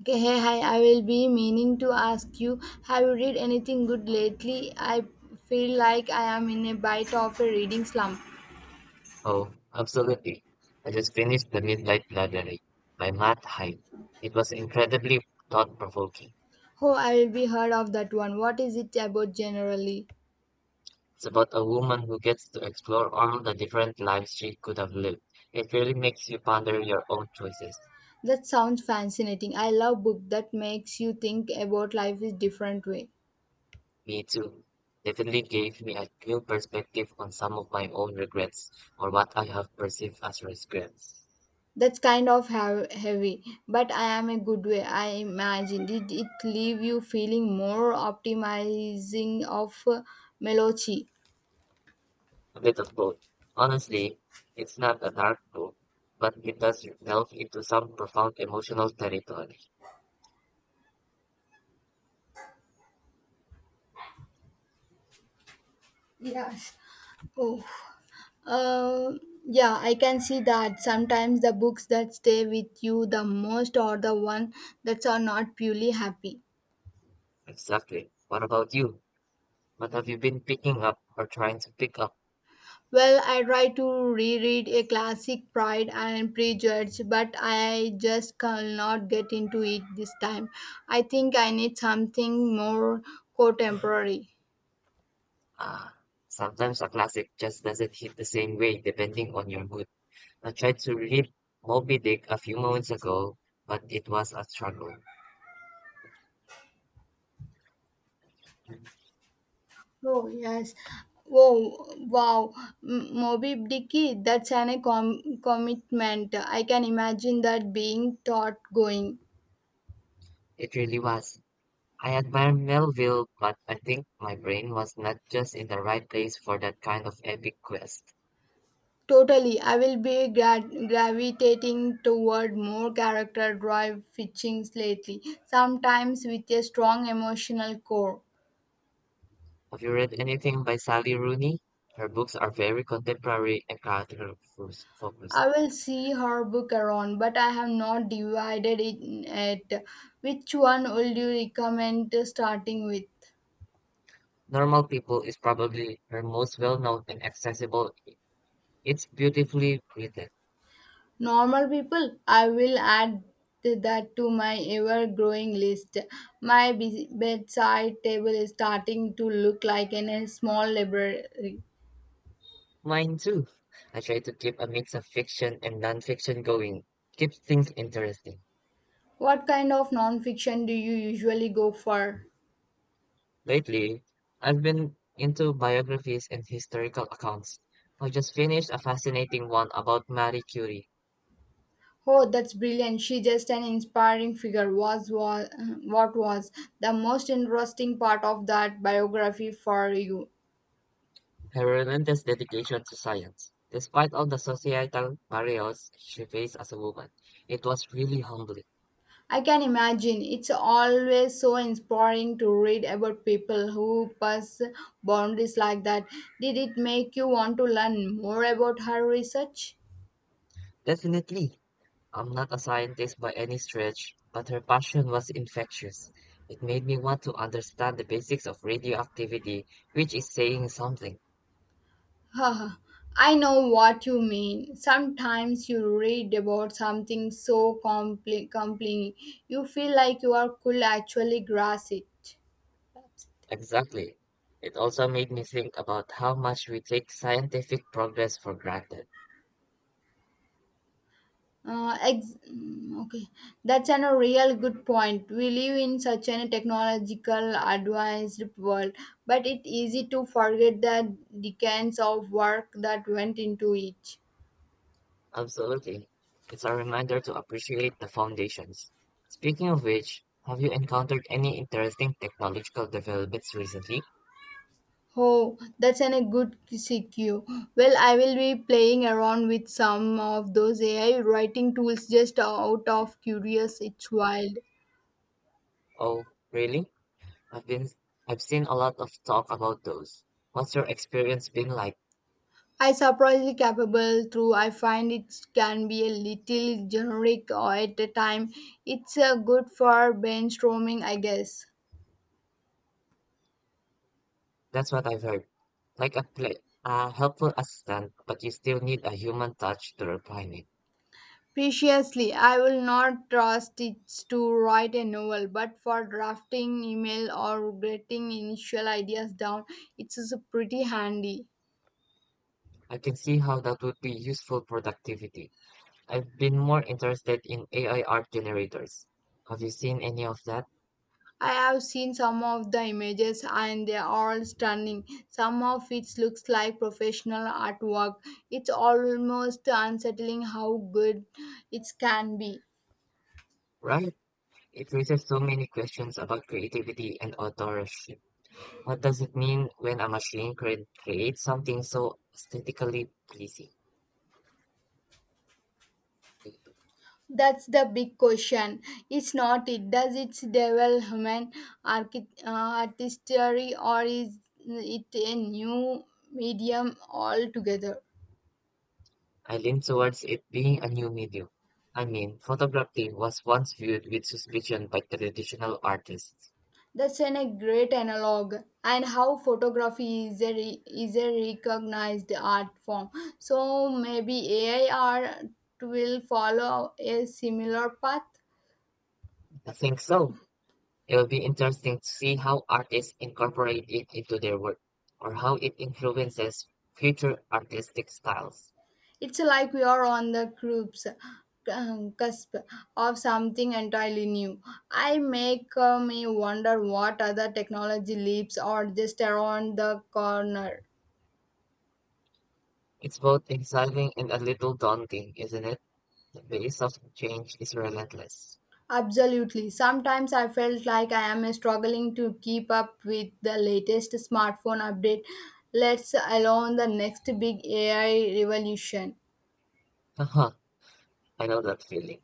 Okay, hey, hi, I will be meaning to ask you, have you read anything good lately? I feel like I am in a bite of a reading slump. Oh, absolutely. I just finished The Midnight Library by Matt Haig. It was incredibly thought-provoking. Oh, I will be heard of that one. What is it about generally? It's about a woman who gets to explore all the different lives she could have lived. It really makes you ponder your own choices. That sounds fascinating. I love book that makes you think about life in different way. Me too. Definitely gave me a new perspective on some of my own regrets or what I have perceived as regrets. That's kind of heavy, but I am a good way. I imagine did it leave you feeling more optimizing of melancholy? A bit of both. Honestly, it's not a dark book, but it does delve into some profound emotional territory. Yes. Oh. Uh, yeah, I can see that sometimes the books that stay with you the most are the one that are not purely happy. Exactly. What about you? What have you been picking up or trying to pick up? Well, I try to reread a classic Pride and Prejudice, but I just cannot get into it this time. I think I need something more contemporary. Ah, sometimes a classic just doesn't hit the same way depending on your mood. I tried to read Moby Dick a few moments ago, but it was a struggle. Oh yes. Oh wow, Moby Dicky. That's an a commitment. I can imagine that being thought going. It really was. I admire Melville, but I think my brain was not just in the right place for that kind of epic quest. Totally, I will be gravitating toward more character drive fiction lately, sometimes with a strong emotional core. Have you read anything by Sally Rooney? Her books are very contemporary and character focused. I will see her book around, but I have not divided it yet. Which one would you recommend starting with? Normal People is probably her most well-known and accessible. It's beautifully written. Normal people, I will add that to my ever growing list. My bedside table is starting to look like in a small library. Mine too. I try to keep a mix of fiction and non-fiction going. Keeps things interesting. What kind of nonfiction do you usually go for? Lately, I've been into biographies and historical accounts. I just finished a fascinating one about Marie Curie, Oh, that's brilliant. She just an inspiring figure. Was what was the most interesting part of that biography for you? her relentless dedication to science. Despite all the societal barriers she faced as a woman, it was really humbling. I can imagine. It's always so inspiring to read about people who pass boundaries like that. Did it make you want to learn more about her research? Definitely, I'm not a scientist by any stretch, but her passion was infectious. It made me want to understand the basics of radioactivity, which is saying something. Huh, I know what you mean. Sometimes you read about something so compli compelling, you feel like you are could actually grasp it. Exactly. It also made me think about how much we take scientific progress for granted. Okay, a real good point. We live in such a technological advanced world, but it's easy to forget the decades of work that went into it. Absolutely. It's a reminder to appreciate the foundations. Speaking of which, have you encountered any interesting technological developments recently? Oh, a good CQ. Well, I will be playing around with some of those AI writing tools just out of curious. It's wild. Oh, really? I've been I've seen a lot of talk about those. What's your experience been like? I surprisingly capable through. I find it can be a little generic or at a time. It's good for brainstorming, I guess. That's what I've heard. Like a helpful assistant, but you still need a human touch to refine it. Preciously, I will not trust it to write a novel, but for drafting email or getting initial ideas down, it's pretty handy. I can see how that would be useful productivity. I've been more interested in AI art generators. Have you seen any of that? I have seen some of the images and they are all stunning. Some of it looks like professional artwork. It's almost unsettling how good it can be. Right? It raises so many questions about creativity and authorship. What does it mean when a machine creates something so aesthetically pleasing? That's the big question. It's not it. Does it develop human artistry or is it a new medium altogether? I lean towards it being a new medium. I mean, photography was once viewed with suspicion by traditional artists. A great analog, and how photography is is a recognized art form. So maybe AI art will follow a similar path. I think so. It will be interesting to see how artists incorporate it into their work, or how it influences future artistic styles. It's like we are on the groups cusp of something entirely new. I make me wonder what other technology leaps are just around the corner. It's both exciting and a little daunting, isn't it? The pace of change is relentless. Absolutely. Sometimes I felt like I am struggling to keep up with the latest smartphone update, let's alone the next big AI revolution. Haha, I know that feeling.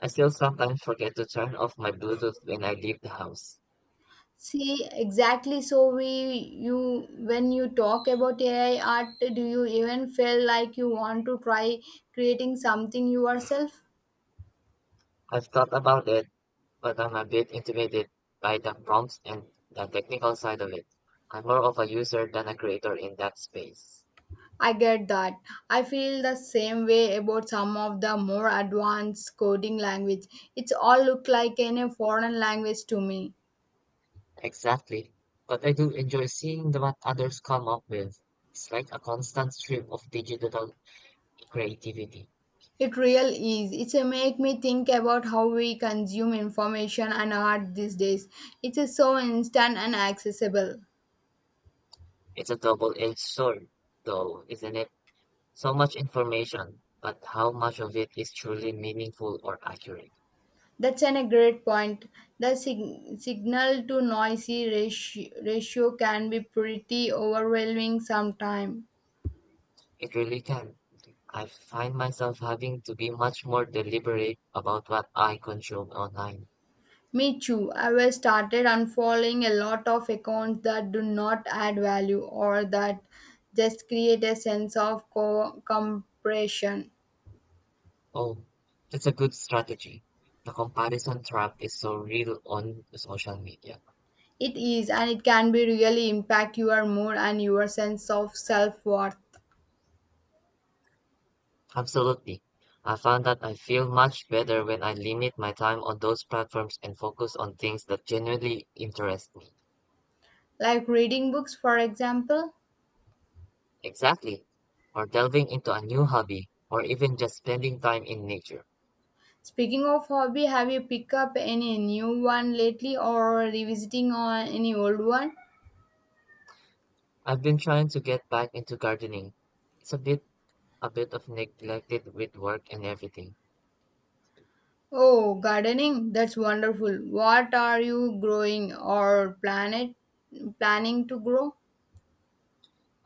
I still sometimes forget to turn off my Bluetooth when I leave the house. See, exactly so we you when you talk about AI art, do you even feel like you want to try creating something yourself? I've thought about it but I'm a bit intimidated by the prompts and the technical side of it. I'm more of a user than a creator in that space. I get that. I feel the same way about some of the more advanced coding language. It's all look like in a foreign language to me. Exactly. But I do enjoy seeing what others come up with. It's like a constant stream of digital creativity. It real is. It's a make me think about how we consume information and art these days. It is so instant and accessible. It's a double-edged sword, though, isn't it? So much information, but how much of it is truly meaningful or accurate? A great point. The signal to noisy ratio can be pretty overwhelming sometimes. It really can. I find myself having to be much more deliberate about what I consume online. Me too. I have started unfollowing a lot of accounts that do not add value or that just create a sense of compression. Oh, that's a good strategy. The comparison trap is so real on social media. It is, and it can be really impact your mood and your sense of self worth. Absolutely. I found that I feel much better when I limit my time on those platforms and focus on things that genuinely interest me. Like reading books, for example. Exactly. Or delving into a new hobby, or even just spending time in nature. Speaking of hobby, have you picked up any new one lately or revisiting on any old one? I've been trying to get back into gardening. It's a bit of neglected with work and everything. Oh, gardening, that's wonderful. What are you growing or planet planning to grow?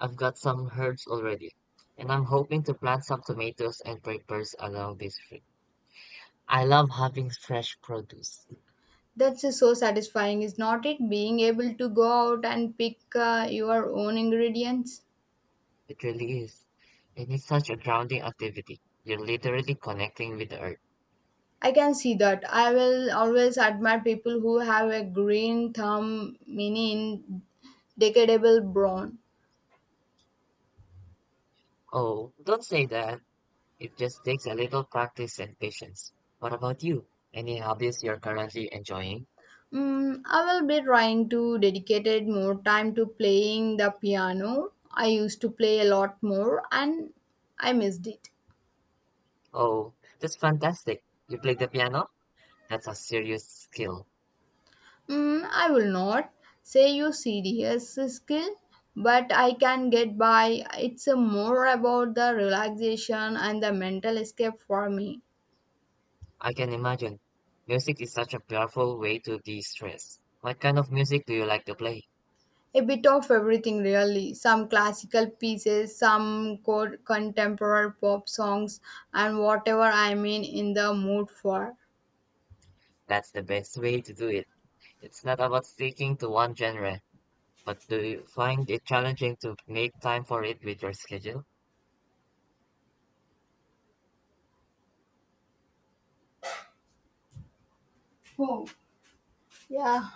I've got some herbs already, and I'm hoping to plant some tomatoes and peppers along this trip. I love having fresh produce. That's just so satisfying, is not it? Being able to go out and pick your own ingredients. It really is. And it's such a grounding activity. You're literally connecting with the earth. I can see that. I will always admire people who have a green thumb, meaning decadable brawn. Oh, don't say that. It just takes a little practice and patience. What about you? Any hobbies you're currently enjoying? Mm, I will be trying to dedicate more time to playing the piano. I used to play a lot more and I missed it. Oh, that's fantastic. You play the piano? That's a serious skill. Mm, I will not say you serious skill, but I can get by. It's a more about the relaxation and the mental escape for me. I can imagine. Music is such a powerful way to de-stress. What kind of music do you like to play? A bit of everything, really. Some classical pieces, some contemporary pop songs, and whatever I'm in the mood for. That's the best way to do it. It's not about sticking to one genre, but do you find it challenging to make time for it with your schedule? Oh, yeah,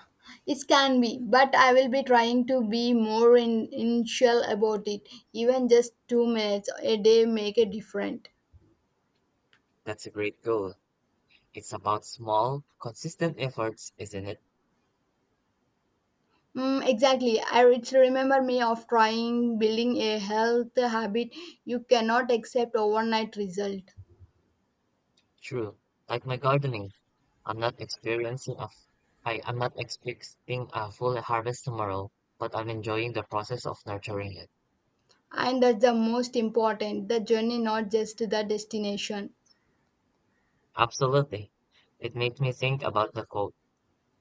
it can be, but I will be trying to be more in initial about it. Even just 2 minutes a day make a difference. That's a great goal. It's about small, consistent efforts, isn't it? Mm, exactly. I it remember me of trying building a health habit. You cannot accept overnight result. True. Like my gardening, I'm not I'm not expecting a full harvest tomorrow, but I'm enjoying the process of nurturing it. And that's the most important the journey, not just the destination. Absolutely. It makes me think about the quote,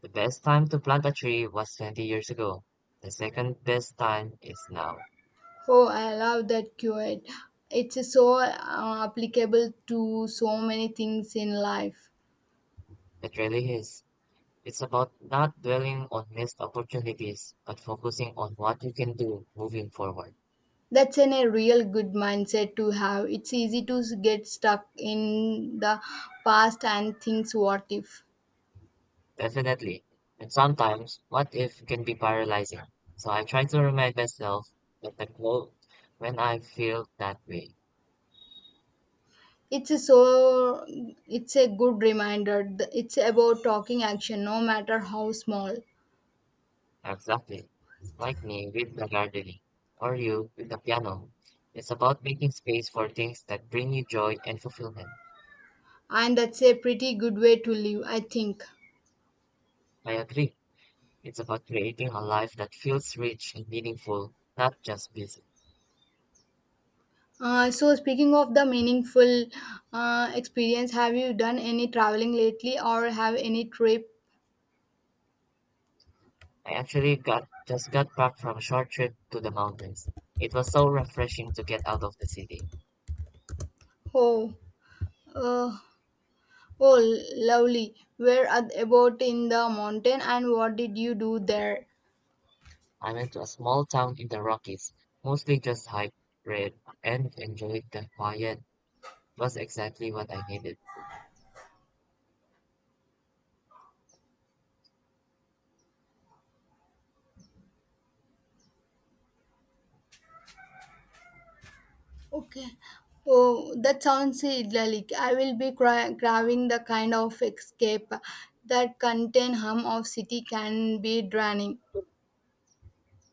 the best time to plant a tree was 20 years ago. The second best time is now. Oh, I love that quote. It's so applicable to so many things in life. It really is. It's about not dwelling on missed opportunities, but focusing on what you can do moving forward. A real good mindset to have. It's easy to get stuck in the past and thinks what if. Definitely. And sometimes, what if can be paralyzing. So I try to remind myself that the quote when I feel that way. It's so it's a good reminder. It's about talking action, no matter how small. Exactly. Like me with the gardening, or you with the piano. It's about making space for things that bring you joy and fulfillment. And that's a pretty good way to live, I think. I agree. It's about creating a life that feels rich and meaningful, not just busy. So speaking of the meaningful experience, have you done any traveling lately or have any trip? I actually got just got back from a short trip to the mountains. It was so refreshing to get out of the city. Oh, uh, oh, lovely. Where are about in the mountain and what did you do there? I went to a small town in the Rockies, mostly just hiked, read, and enjoyed the quiet. It was exactly what I needed. Okay. Oh, that sounds idyllic. I will be craving the kind of escape that contain hum of city can be draining.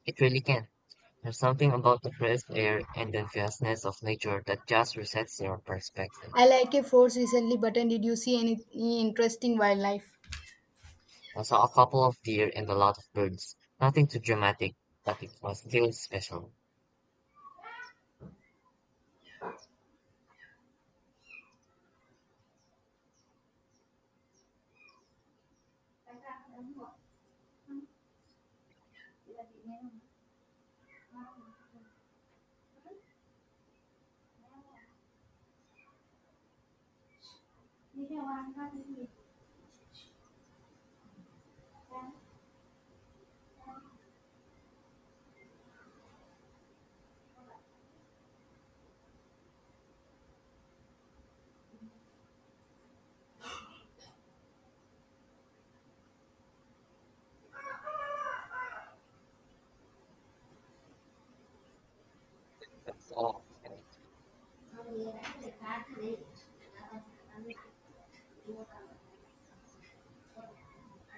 It really can. There's something about the crisp air and the vastness of nature that just resets your perspective. I like a force recently, but did you see any interesting wildlife? I saw a couple of deer and a lot of birds. Nothing too dramatic, but it was still special. That's all.